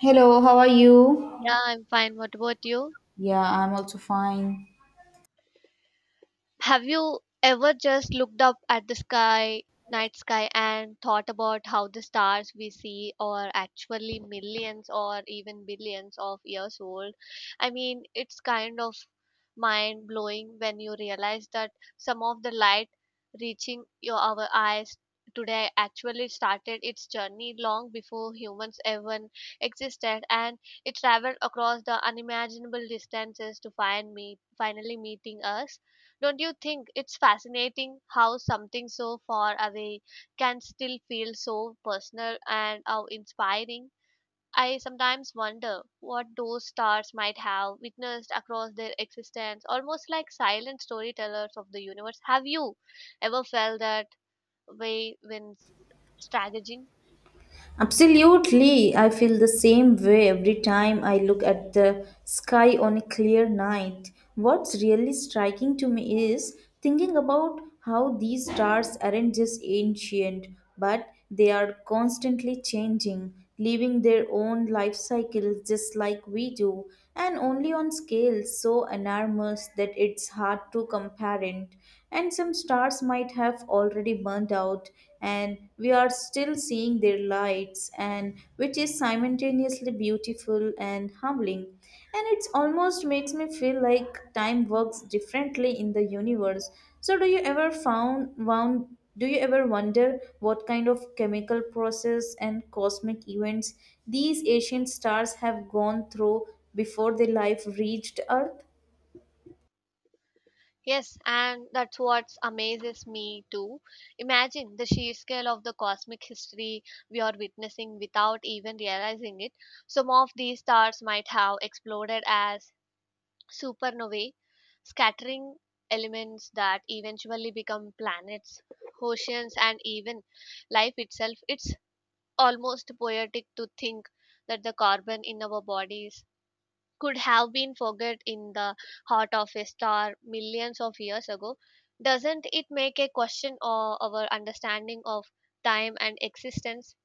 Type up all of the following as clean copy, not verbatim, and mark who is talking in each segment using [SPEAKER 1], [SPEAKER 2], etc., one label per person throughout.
[SPEAKER 1] Hello, how are you?
[SPEAKER 2] Yeah, I'm fine. What about you?
[SPEAKER 1] Yeah, I'm also fine.
[SPEAKER 2] Have you ever just looked up at the sky, night sky, and thought about how the stars we see are actually millions or even billions of years old? I mean, it's kind of mind blowing when you realize that some of the light reaching your our eyes today actually started its journey long before humans even existed, and it traveled across the unimaginable distances to find me finally meeting us. Don't you think it's fascinating how something so far away can still feel so personal and how inspiring? I sometimes wonder what those stars might have witnessed across their existence, almost like silent storytellers of the universe. Have you ever felt that way when strategizing?
[SPEAKER 1] Absolutely. I feel the same way every time I look at the sky on a clear night. What's really striking to me is thinking about how these stars aren't just ancient, but they are constantly changing. Living their own life cycles just like we do, and only on scales so enormous that it's hard to compare it. And some stars might have already burned out, and we are still seeing their lights, and which is simultaneously beautiful and humbling. And it almost makes me feel like time works differently in the universe. So, do you ever found wound do you ever wonder what kind of chemical process and cosmic events these ancient stars have gone through before their life reached Earth?
[SPEAKER 2] Yes, and that's what amazes me too. Imagine the sheer scale of the cosmic history we are witnessing without even realizing it. Some of these stars might have exploded as supernovae, scattering elements that eventually become planets, oceans, and even life itself. It's almost poetic to think that the carbon in our bodies could have been forgot in the heart of a star millions of years ago. Doesn't it make a question of our understanding of time and existence?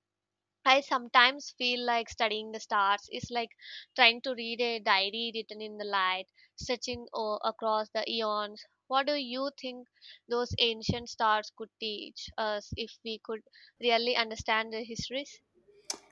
[SPEAKER 2] I sometimes feel like studying the stars is like trying to read a diary written in the light stretching across the eons. What do you think those ancient stars could teach us if we could really understand their histories?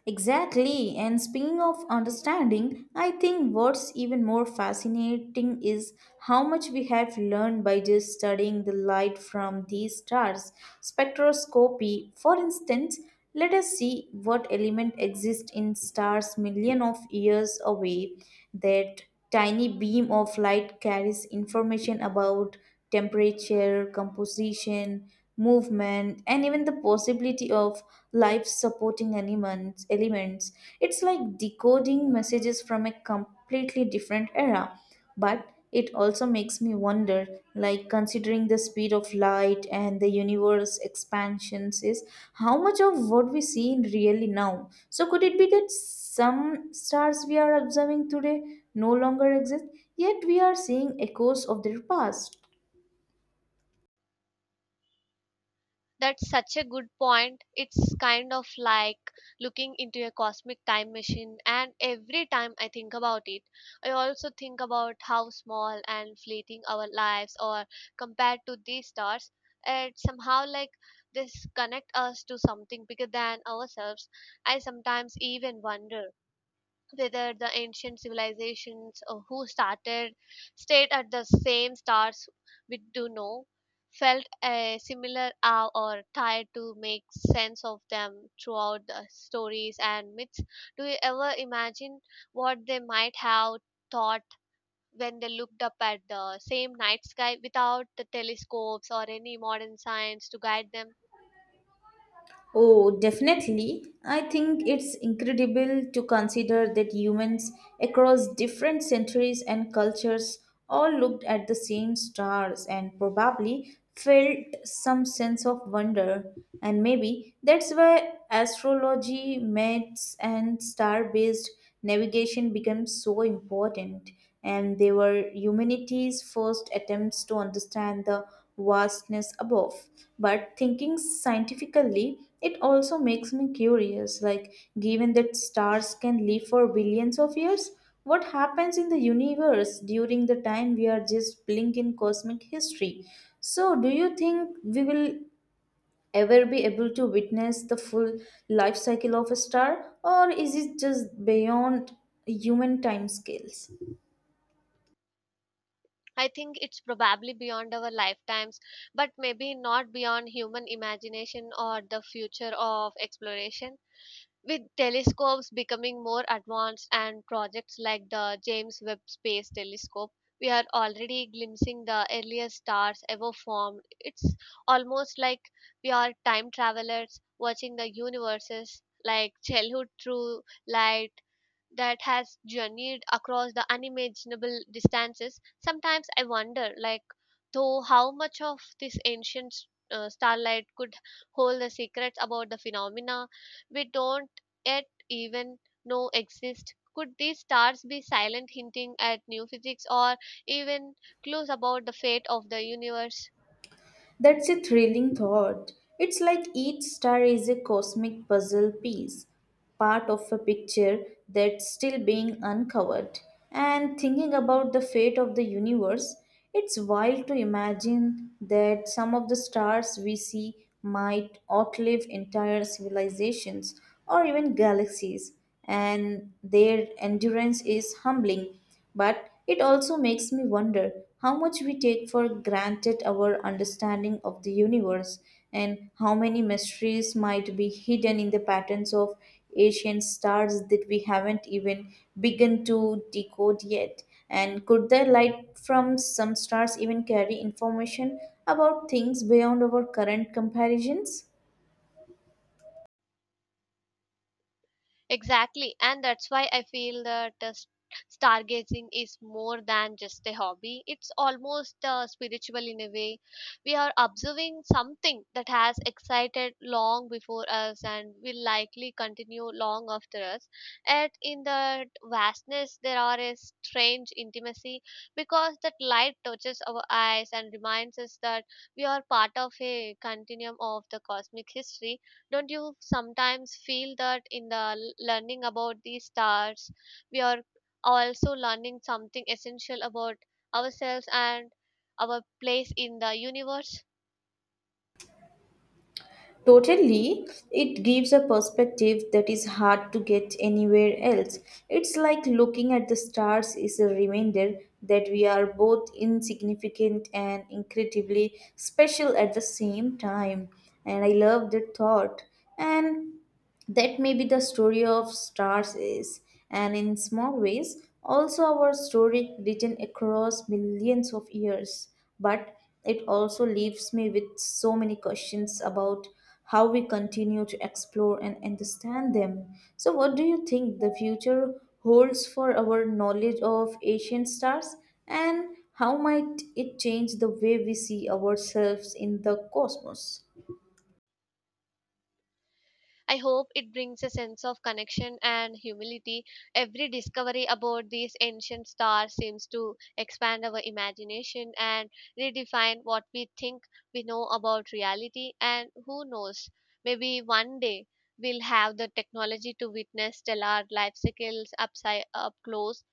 [SPEAKER 1] Exactly. And speaking of understanding, I think what's even more fascinating is how much we have learned by just studying the light from these stars. Spectroscopy, for instance, let us see what element exists in stars million of years away that tiny beam of light carries information about temperature, composition, movement, and even the possibility of life supporting elements. It's like decoding messages from a completely different era. But it also makes me wonder like, considering the speed of light and the universe expansions, is how much of what we see in really now? So, could it be that some stars we are observing today no longer exist, yet we are seeing echoes of their past?
[SPEAKER 2] That's such a good point. It's kind of like looking into a cosmic time machine, and every time I think about it, I also think about how small and fleeting our lives are compared to these stars. It somehow like this connect us to something bigger than ourselves. I sometimes even wonder whether the ancient civilizations or who started stayed at the same stars we do know felt a similar awe or tried to make sense of them throughout the stories and myths. Do you ever imagine what they might have thought when they looked up at the same night sky without the telescopes or any modern science to guide them?
[SPEAKER 1] Oh, definitely. I think it's incredible to consider that humans across different centuries and cultures all looked at the same stars and probably felt some sense of wonder. And maybe that's why astrology, maths, and star based navigation became so important, and they were humanity's first attempts to understand the vastness above. But thinking scientifically, it also makes me curious like, given that stars can live for billions of years, what happens in the universe during the time we are just blink in cosmic history? So, do you think we will ever be able to witness the full life cycle of a star, or is it just beyond human time scales?
[SPEAKER 2] I think it's probably beyond our lifetimes, but maybe not beyond human imagination or the future of exploration. With telescopes becoming more advanced and projects like the James Webb Space Telescope, we are already glimpsing the earliest stars ever formed. It's almost like we are time travelers watching the universes like childhood through light that has journeyed across the unimaginable distances. Sometimes I wonder, like, though, how much of this ancient starlight could hold the secrets about the phenomena we don't yet even know exist. Could these stars be silent hinting at new physics or even clues about the fate of the universe?
[SPEAKER 1] That's a thrilling thought. It's like each star is a cosmic puzzle piece, part of a picture that's still being uncovered. And thinking about the fate of the universe, it's wild to imagine that some of the stars we see might outlive entire civilizations or even galaxies, and their endurance is humbling. But it also makes me wonder how much we take for granted our understanding of the universe, and how many mysteries might be hidden in the patterns of ancient stars that we haven't even begun to decode yet. And could the light from some stars even carry information about things beyond our current comparisons?
[SPEAKER 2] Exactly, and that's why I feel that stargazing is more than just a hobby. It's almost spiritual in a way. We are observing something that has excited long before us and will likely continue long after us. Yet, in the vastness, there are a strange intimacy because that light touches our eyes and reminds us that we are part of a continuum of the cosmic history. Don't you sometimes feel that in the learning about these stars, we are also learning something essential about ourselves and our place in the universe?
[SPEAKER 1] Totally, it gives a perspective that is hard to get anywhere else. It's like looking at the stars is a reminder that we are both insignificant and incredibly special at the same time. And I love that thought. And that may be the story of stars is, and in small ways also our story, written across millions of years, but it also leaves me with so many questions about how we continue to explore and understand them. So what do you think the future holds for our knowledge of ancient stars, and how might it change the way we see ourselves in the cosmos?
[SPEAKER 2] I hope it brings a sense of connection and humility. Every discovery about these ancient stars seems to expand our imagination and redefine what we think we know about reality. And who knows, maybe one day we'll have the technology to witness stellar life cycles upside, up close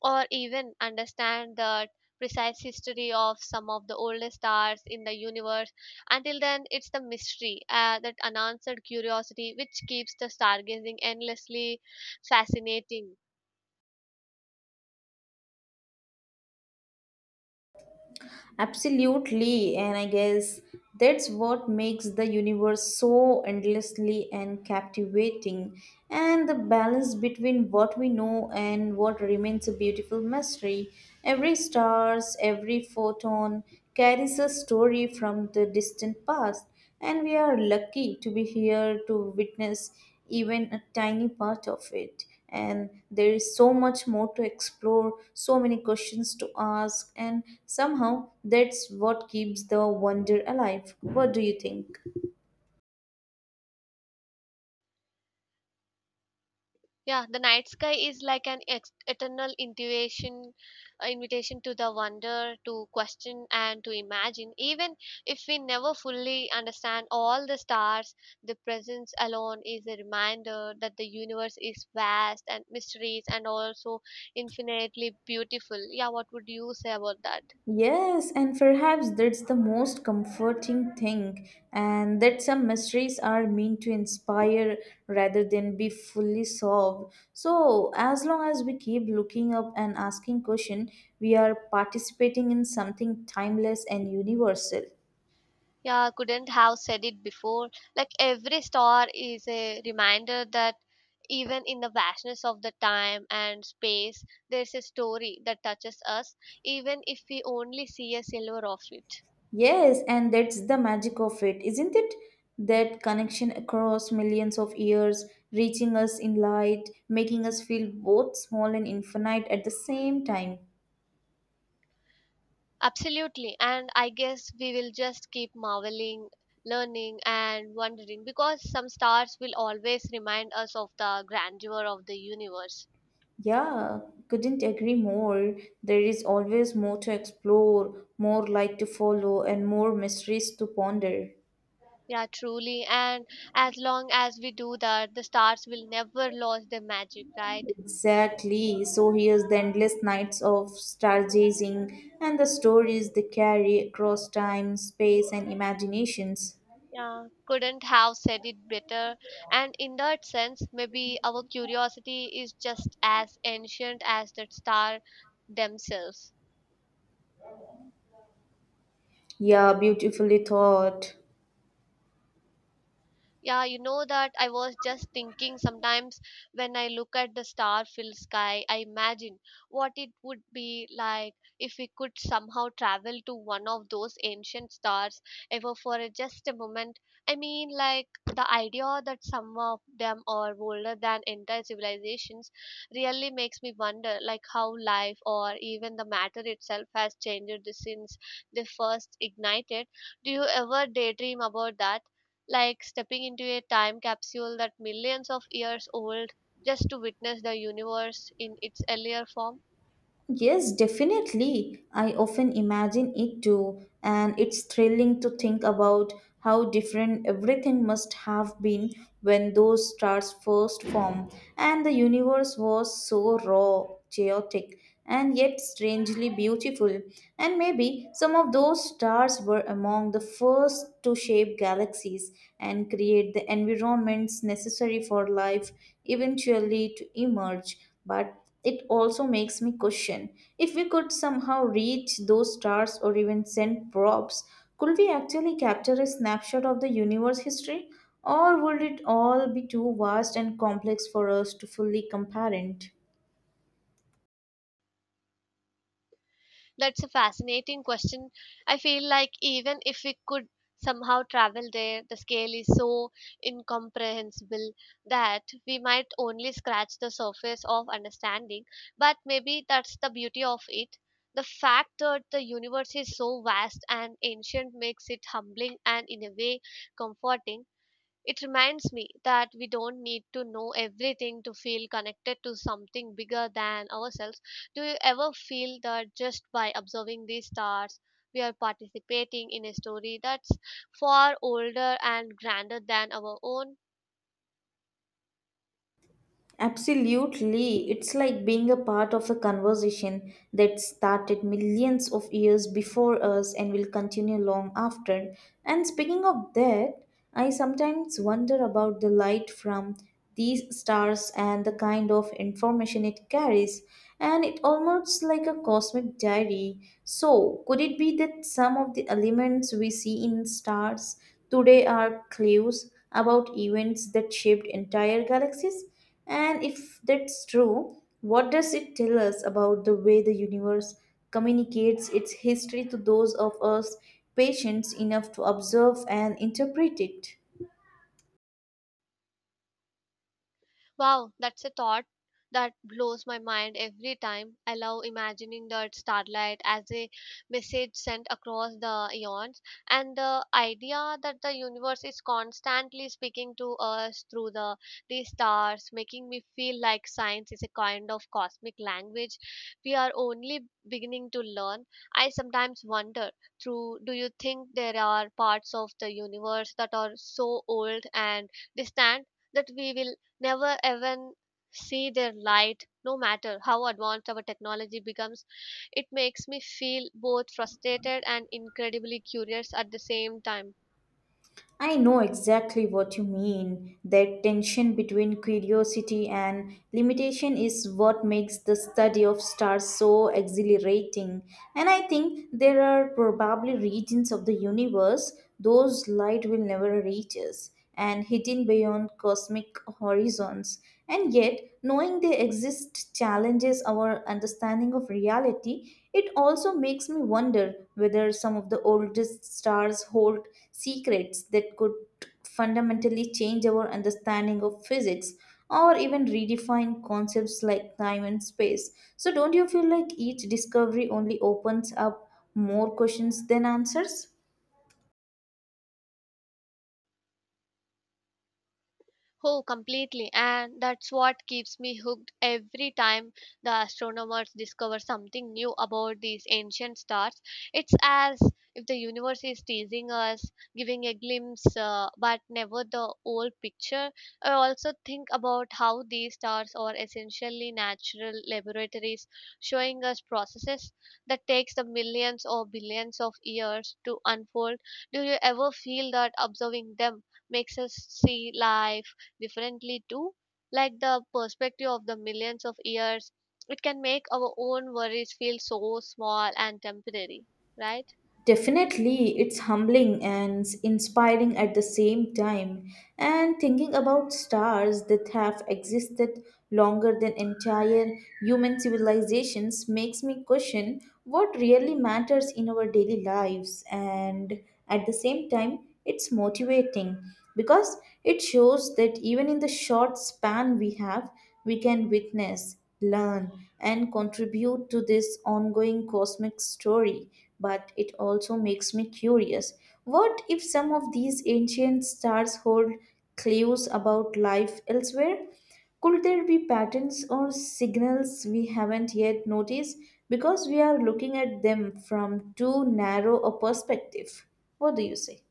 [SPEAKER 2] or even understand the precise history of some of the oldest stars in the universe. Until then, it's the mystery, that unanswered curiosity, which keeps the stargazing endlessly fascinating.
[SPEAKER 1] Absolutely, and I guess that's what makes the universe so endlessly and captivating, and the balance between what we know and what remains a beautiful mystery. Every stars, every photon carries a story from the distant past, and we are lucky to be here to witness even a tiny part of it. And there is so much more to explore, so many questions to ask, and somehow that's what keeps the wonder alive. What do you think?
[SPEAKER 2] Yeah, the night sky is like an eternal intuition, invitation to the wonder, to question, and to imagine. Even if we never fully understand all the stars, the presence alone is a reminder that the universe is vast and mysterious and also infinitely beautiful. Yeah, what would you say about that?
[SPEAKER 1] Yes, and perhaps that's the most comforting thing, and that some mysteries are meant to inspire rather than be fully solved. So, as long as we keep looking up and asking questions, we are participating in something timeless and universal.
[SPEAKER 2] Yeah, I couldn't have said it before. Like every star is a reminder that even in the vastness of the time and space, there's a story that touches us, even if we only see a silver of it.
[SPEAKER 1] Yes, and that's the magic of it, isn't it? That connection across millions of years, reaching us in light, making us feel both small and infinite at the same time.
[SPEAKER 2] Absolutely. And I guess we will just keep marveling, learning, and wondering because some stars will always remind us of the grandeur of the universe.
[SPEAKER 1] Yeah, couldn't agree more. There is always more to explore, more light to follow, and more mysteries to ponder.
[SPEAKER 2] Yeah, truly. And as long as we do that, the stars will never lose their magic, right?
[SPEAKER 1] Exactly. So here's the endless nights of stargazing and the stories they carry across time, space, and imaginations.
[SPEAKER 2] Yeah, couldn't have said it better. And in that sense, maybe our curiosity is just as ancient as the star themselves.
[SPEAKER 1] Yeah, beautifully thought.
[SPEAKER 2] Yeah, you know that I was just thinking, sometimes when I look at the star filled sky, I imagine what it would be like if we could somehow travel to one of those ancient stars ever for just a moment. I mean, like, the idea that some of them are older than entire civilizations really makes me wonder, like, how life or even the matter itself has changed since they first ignited. Do you ever daydream about that, like stepping into a time capsule that millions of years old, just to witness the universe in its earlier form?
[SPEAKER 1] Yes, definitely. I often imagine it too, and it's thrilling to think about how different everything must have been when those stars first formed. And the universe was so raw, chaotic, and yet strangely beautiful. And maybe some of those stars were among the first to shape galaxies and create the environments necessary for life eventually to emerge. But it also makes me question, if we could somehow reach those stars or even send probes, could we actually capture a snapshot of the universe history? Or would it all be too vast and complex for us to fully comprehend?
[SPEAKER 2] That's a fascinating question. I feel like even if we could somehow travel there, the scale is so incomprehensible that we might only scratch the surface of understanding. But maybe that's the beauty of it. The fact that the universe is so vast and ancient makes it humbling and, in a way, comforting. It reminds me that we don't need to know everything to feel connected to something bigger than ourselves. Do you ever feel that just by observing these stars, we are participating in a story that's far older and grander than our own?
[SPEAKER 1] Absolutely. It's like being a part of a conversation that started millions of years before us and will continue long after. And speaking of that, I sometimes wonder about the light from these stars and the kind of information it carries. And it almost like a cosmic diary. So, could it be that some of the elements we see in stars today are clues about events that shaped entire galaxies? And if that's true, what does it tell us about the way the universe communicates its history to those of us patient enough to observe and interpret it?
[SPEAKER 2] Wow, that's a thought that blows my mind every time. I love imagining the starlight as a message sent across the eons, and the idea that the universe is constantly speaking to us through these stars, making me feel like science is a kind of cosmic language we are only beginning to learn. I sometimes wonder, through, do you think there are parts of the universe that are so old and distant that we will never even see their light, no matter how advanced our technology becomes? It makes me feel both frustrated and incredibly curious at the same time.
[SPEAKER 1] I know exactly what you mean. That tension between curiosity and limitation is what makes the study of stars so exhilarating. And I think there are probably regions of the universe those light will never reach us and hidden beyond cosmic horizons. And yet, knowing they exist challenges our understanding of reality. It also makes me wonder whether some of the oldest stars hold secrets that could fundamentally change our understanding of physics or even redefine concepts like time and space. So, don't you feel like each discovery only opens up more questions than answers?
[SPEAKER 2] Oh, completely. And that's what keeps me hooked every time the astronomers discover something new about these ancient stars. It's as if the universe is teasing us, giving a glimpse, but never the whole picture. I also think about how these stars are essentially natural laboratories, showing us processes that takes the millions or billions of years to unfold. Do you ever feel that observing them makes us see life differently too, like the perspective of the millions of years, it can make our own worries feel so small and temporary, right?
[SPEAKER 1] Definitely, it's humbling and inspiring at the same time. And thinking about stars that have existed longer than entire human civilizations makes me question what really matters in our daily lives. And at the same time, it's motivating because it shows that even in the short span we have, we can witness learn, and contribute to this ongoing cosmic story. But it also makes me curious, what if some of these ancient stars hold clues about life elsewhere? Could there be patterns or signals we haven't yet noticed because we are looking at them from too narrow a perspective? What do you say?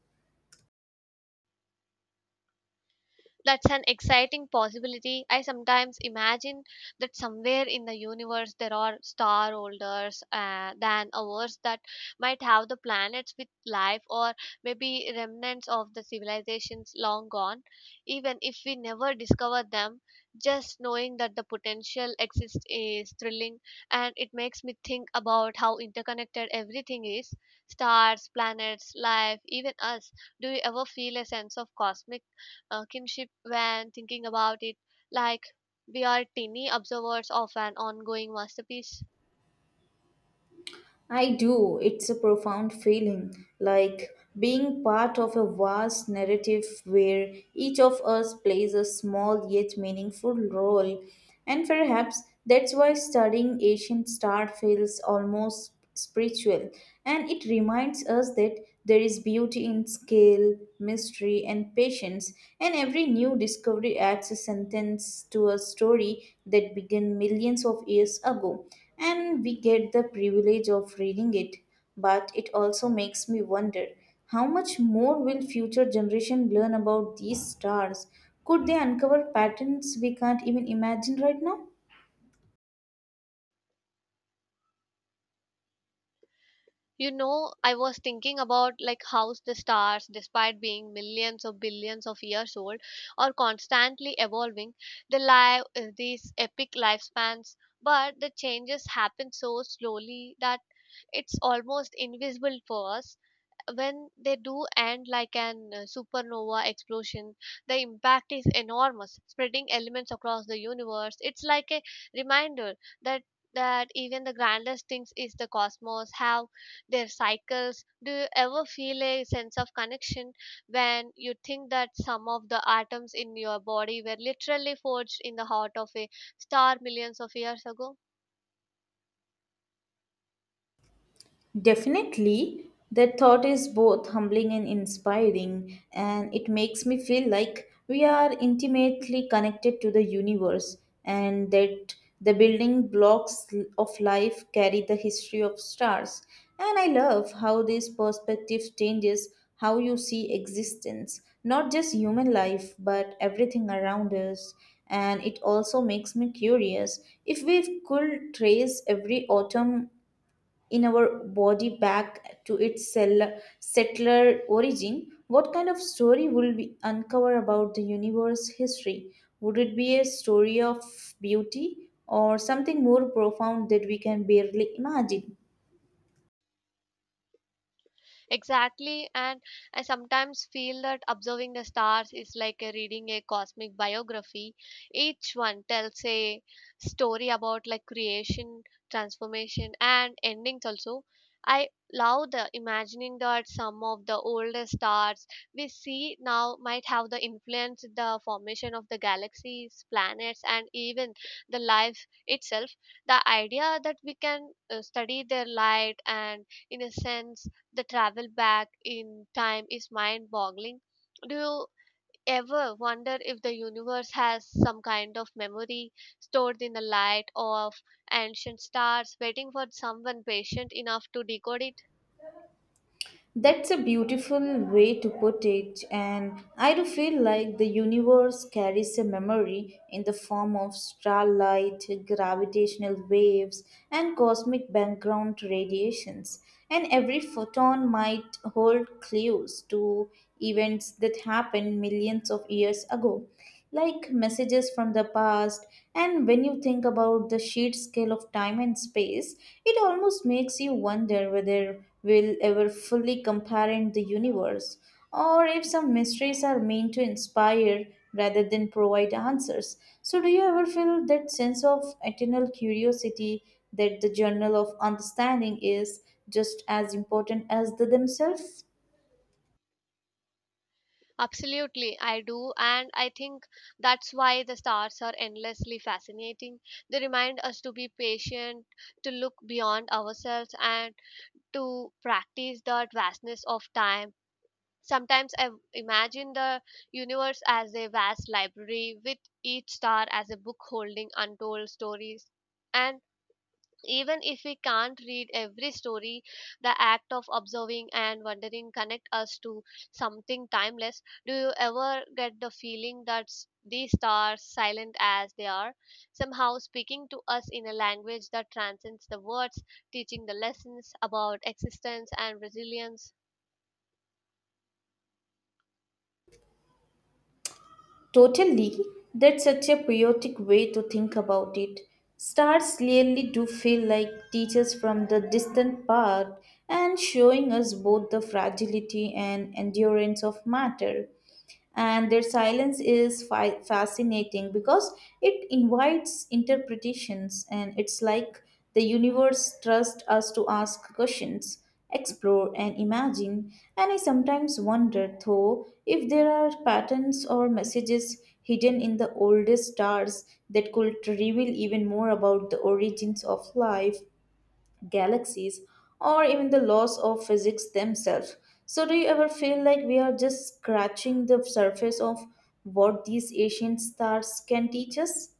[SPEAKER 2] That's an exciting possibility. I sometimes imagine that somewhere in the universe there are star holders than ours that might have the planets with life or maybe remnants of the civilizations long gone. Even if we never discover them, just knowing that the potential exists is thrilling, and it makes me think about how interconnected everything is: stars, planets, life, even us. Do you ever feel a sense of cosmic kinship when thinking about it, like we are tiny observers of an ongoing masterpiece?
[SPEAKER 1] I do. It's a profound feeling, like being part of a vast narrative where each of us plays a small yet meaningful role. And perhaps that's why studying ancient star feels almost spiritual. And it reminds us that there is beauty in scale, mystery, and patience. And every new discovery adds a sentence to a story that began millions of years ago, and we get the privilege of reading it. But it also makes me wonder, how much more will future generation learn about these stars? Could they uncover patterns we can't even imagine right now?
[SPEAKER 2] You know, I was thinking about, like, how the stars, despite being millions or billions of years old, are constantly evolving. They live these epic lifespans, but the changes happen so slowly that it's almost invisible for us. When they do end, like an supernova explosion, the impact is enormous, spreading elements across the universe. It's like a reminder that even the grandest things is the cosmos have their cycles. Do you ever feel a sense of connection when you think that some of the atoms in your body were literally forged in the heart of a star millions of years ago?
[SPEAKER 1] Definitely, that thought is both humbling and inspiring, and it makes me feel like we are intimately connected to the universe and that the building blocks of life carry the history of stars. And I love how this perspective changes how you see existence, not just human life, but everything around us. And it also makes me curious, if we could trace every autumn in our body back to its settler origin, what kind of story will we uncover about the universe history? Would it be a story of beauty or something more profound that we can barely imagine?
[SPEAKER 2] Exactly, and I sometimes feel that observing the stars is like a reading a cosmic biography. Each one tells a story about, like, creation, transformation, and endings also. I love the imagining that some of the oldest stars we see now might have the influenced the formation of the galaxies, planets, and even the life itself. The idea that we can study their light and, in a sense, the travel back in time is mind boggling. Do you ever wonder if the universe has some kind of memory stored in the light of ancient stars, waiting for someone patient enough to decode it?
[SPEAKER 1] That's a beautiful way to put it, and I do feel like the universe carries a memory in the form of starlight, gravitational waves, and cosmic background radiations. And every photon might hold clues to events that happened millions of years ago, like messages from the past. And when you think about the sheer scale of time and space, it almost makes you wonder whether we'll ever fully comprehend the universe, or if some mysteries are meant to inspire rather than provide answers. So, do you ever feel that sense of eternal curiosity, that the journal of understanding is just as important as the themselves?
[SPEAKER 2] Absolutely, I do, and I think that's why the stars are endlessly fascinating. They remind us to be patient, to look beyond ourselves, and to practice that vastness of time. Sometimes I imagine the universe as a vast library with each star as a book holding untold stories. And even if we can't read every story, the act of observing and wondering connect us to something timeless. Do you ever get the feeling that these stars, silent as they are, somehow speaking to us in a language that transcends the words, teaching the lessons about existence and resilience?
[SPEAKER 1] Totally, that's such a poetic way to think about it. Stars really do feel like teachers from the distant past, and showing us both the fragility and endurance of matter, and their silence is fascinating because it invites interpretations, and it's like the universe trusts us to ask questions, explore, and imagine. And I sometimes wonder though, if there are patterns or messages hidden in the oldest stars that could reveal even more about the origins of life, galaxies, or even the laws of physics themselves. So, do you ever feel like we are just scratching the surface of what these ancient stars can teach us?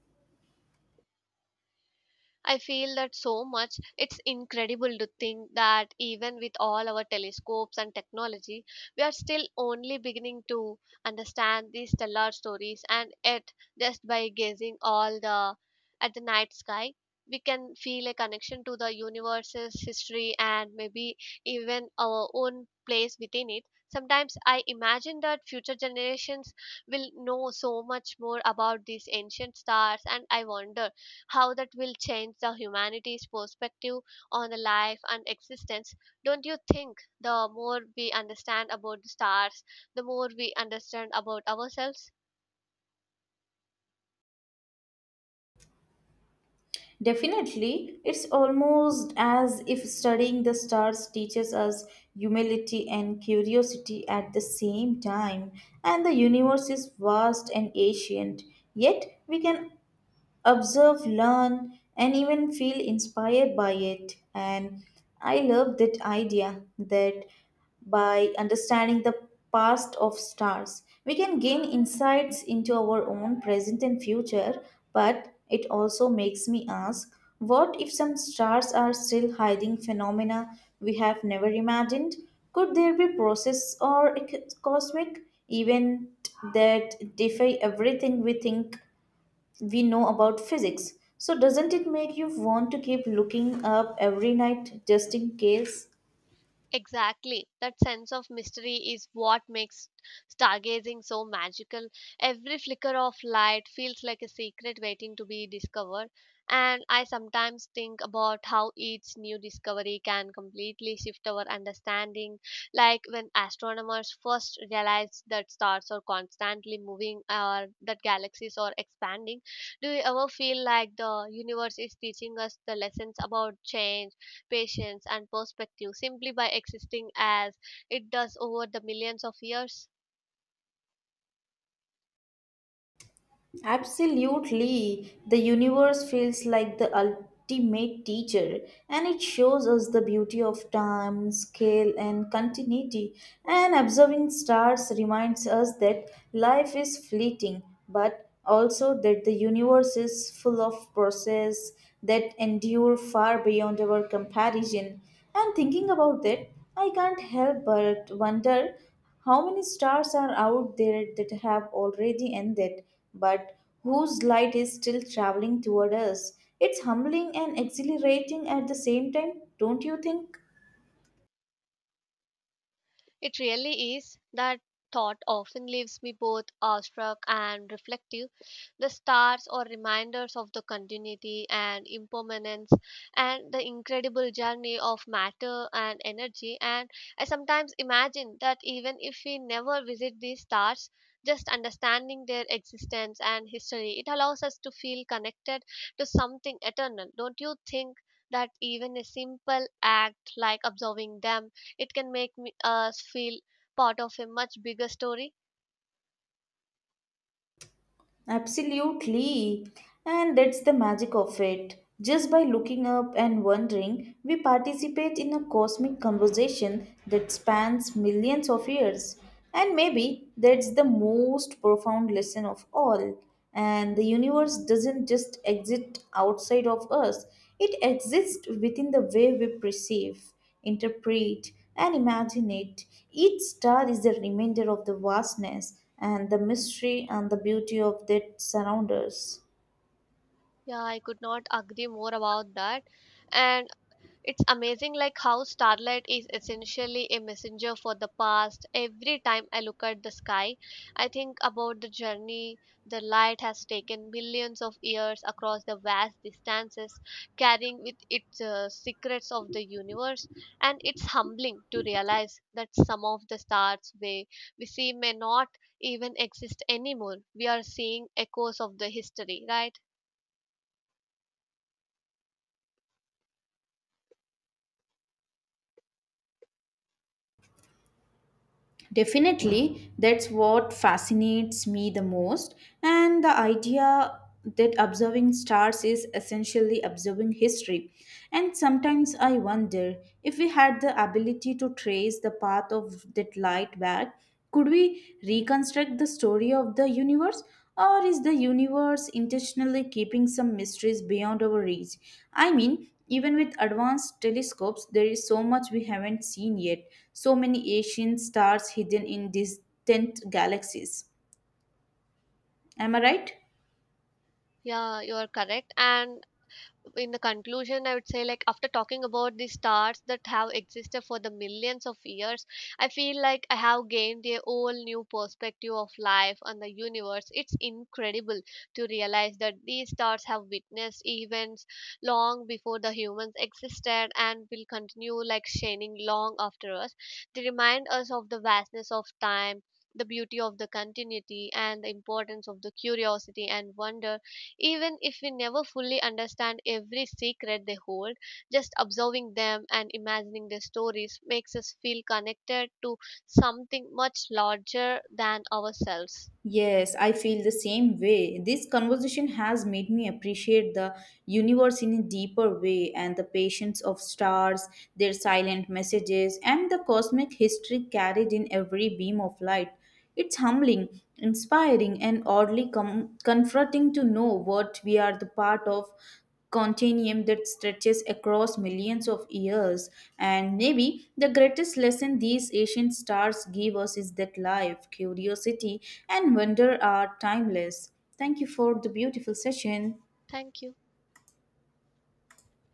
[SPEAKER 2] I feel that so much. It's incredible to think that even with all our telescopes and technology, we are still only beginning to understand these stellar stories, and yet, just by gazing all the at the night sky, we can feel a connection to the universe's history and maybe even our own place within it. Sometimes I imagine that future generations will know so much more about these ancient stars, and I wonder how that will change the humanity's perspective on the life and existence. Don't you think the more we understand about the stars, the more we understand about ourselves?
[SPEAKER 1] Definitely, it's almost as if studying the stars teaches us humility and curiosity at the same time. And the universe is vast and ancient, yet we can observe, learn, and even feel inspired by it. And I love that idea, that by understanding the past of stars, we can gain insights into our own present and future. But it also makes me ask, what if some stars are still hiding phenomena we have never imagined? Could there be process or a cosmic event that defy everything we think we know about physics? So, doesn't it make you want to keep looking up every night just in case?
[SPEAKER 2] Exactly. That sense of mystery is what makes stargazing so magical. Every flicker of light feels like a secret waiting to be discovered. And I sometimes think about how each new discovery can completely shift our understanding. Like when astronomers first realized that stars are constantly moving or that galaxies are expanding. Do you ever feel like the universe is teaching us the lessons about change, patience, and perspective simply by existing as it does over the millions of years?
[SPEAKER 1] Absolutely. The universe feels like the ultimate teacher, and it shows us the beauty of time, scale, and continuity. And observing stars reminds us that life is fleeting, but also that the universe is full of process that endure far beyond our comparison. And thinking about that, I can't help but wonder how many stars are out there that have already ended, but whose light is still traveling toward us? It's humbling and exhilarating at the same time, don't you think?
[SPEAKER 2] It really is. That thought often leaves me both awestruck and reflective. The stars are reminders of the continuity and impermanence and the incredible journey of matter and energy. And I sometimes imagine that even if we never visit these stars, just understanding their existence and history, it allows us to feel connected to something eternal. Don't you think that even a simple act like observing them, it can make us feel part of a much bigger story?
[SPEAKER 1] Absolutely. And that's the magic of it. Just by looking up and wondering, we participate in a cosmic conversation that spans millions of years. And maybe that's the most profound lesson of all. And the universe doesn't just exist outside of us, it exists within the way we perceive, interpret, and imagine it. Each star is a reminder of the vastness and the mystery and the beauty of that surround us.
[SPEAKER 2] Yeah, I could not agree more about that. And it's amazing like how starlight is essentially a messenger for the past. Every time I look at the sky, I think about the journey the light has taken millions of years across the vast distances, carrying with it secrets of the universe, and it's humbling to realize that some of the stars we see may not even exist anymore. We are seeing echoes of the history, right?
[SPEAKER 1] Definitely, that's what fascinates me the most. And the idea that observing stars is essentially observing history. And sometimes I wonder, if we had the ability to trace the path of that light back, could we reconstruct the story of the universe? Or is the universe intentionally keeping some mysteries beyond our reach? I mean, even with advanced telescopes, there is so much we haven't seen yet. So many ancient stars hidden in distant galaxies. Am I right?
[SPEAKER 2] Yeah, you are correct. And in the conclusion, I would say, like, after talking about the stars that have existed for the millions of years, I feel like I have gained a whole new perspective of life and the universe. It's incredible to realize that these stars have witnessed events long before the humans existed and will continue, like, shining long after us. They remind us of the vastness of time, the beauty of the continuity, and the importance of the curiosity and wonder. Even if we never fully understand every secret they hold, just observing them and imagining their stories makes us feel connected to something much larger than ourselves.
[SPEAKER 1] Yes, I feel the same way. This conversation has made me appreciate the universe in a deeper way, and the patience of stars, their silent messages, and the cosmic history carried in every beam of light. It's humbling, inspiring, and oddly comforting to know what we are the part of continuum that stretches across millions of years. And maybe the greatest lesson these ancient stars give us is that life, curiosity, and wonder are timeless. Thank you for the beautiful session.
[SPEAKER 2] Thank you.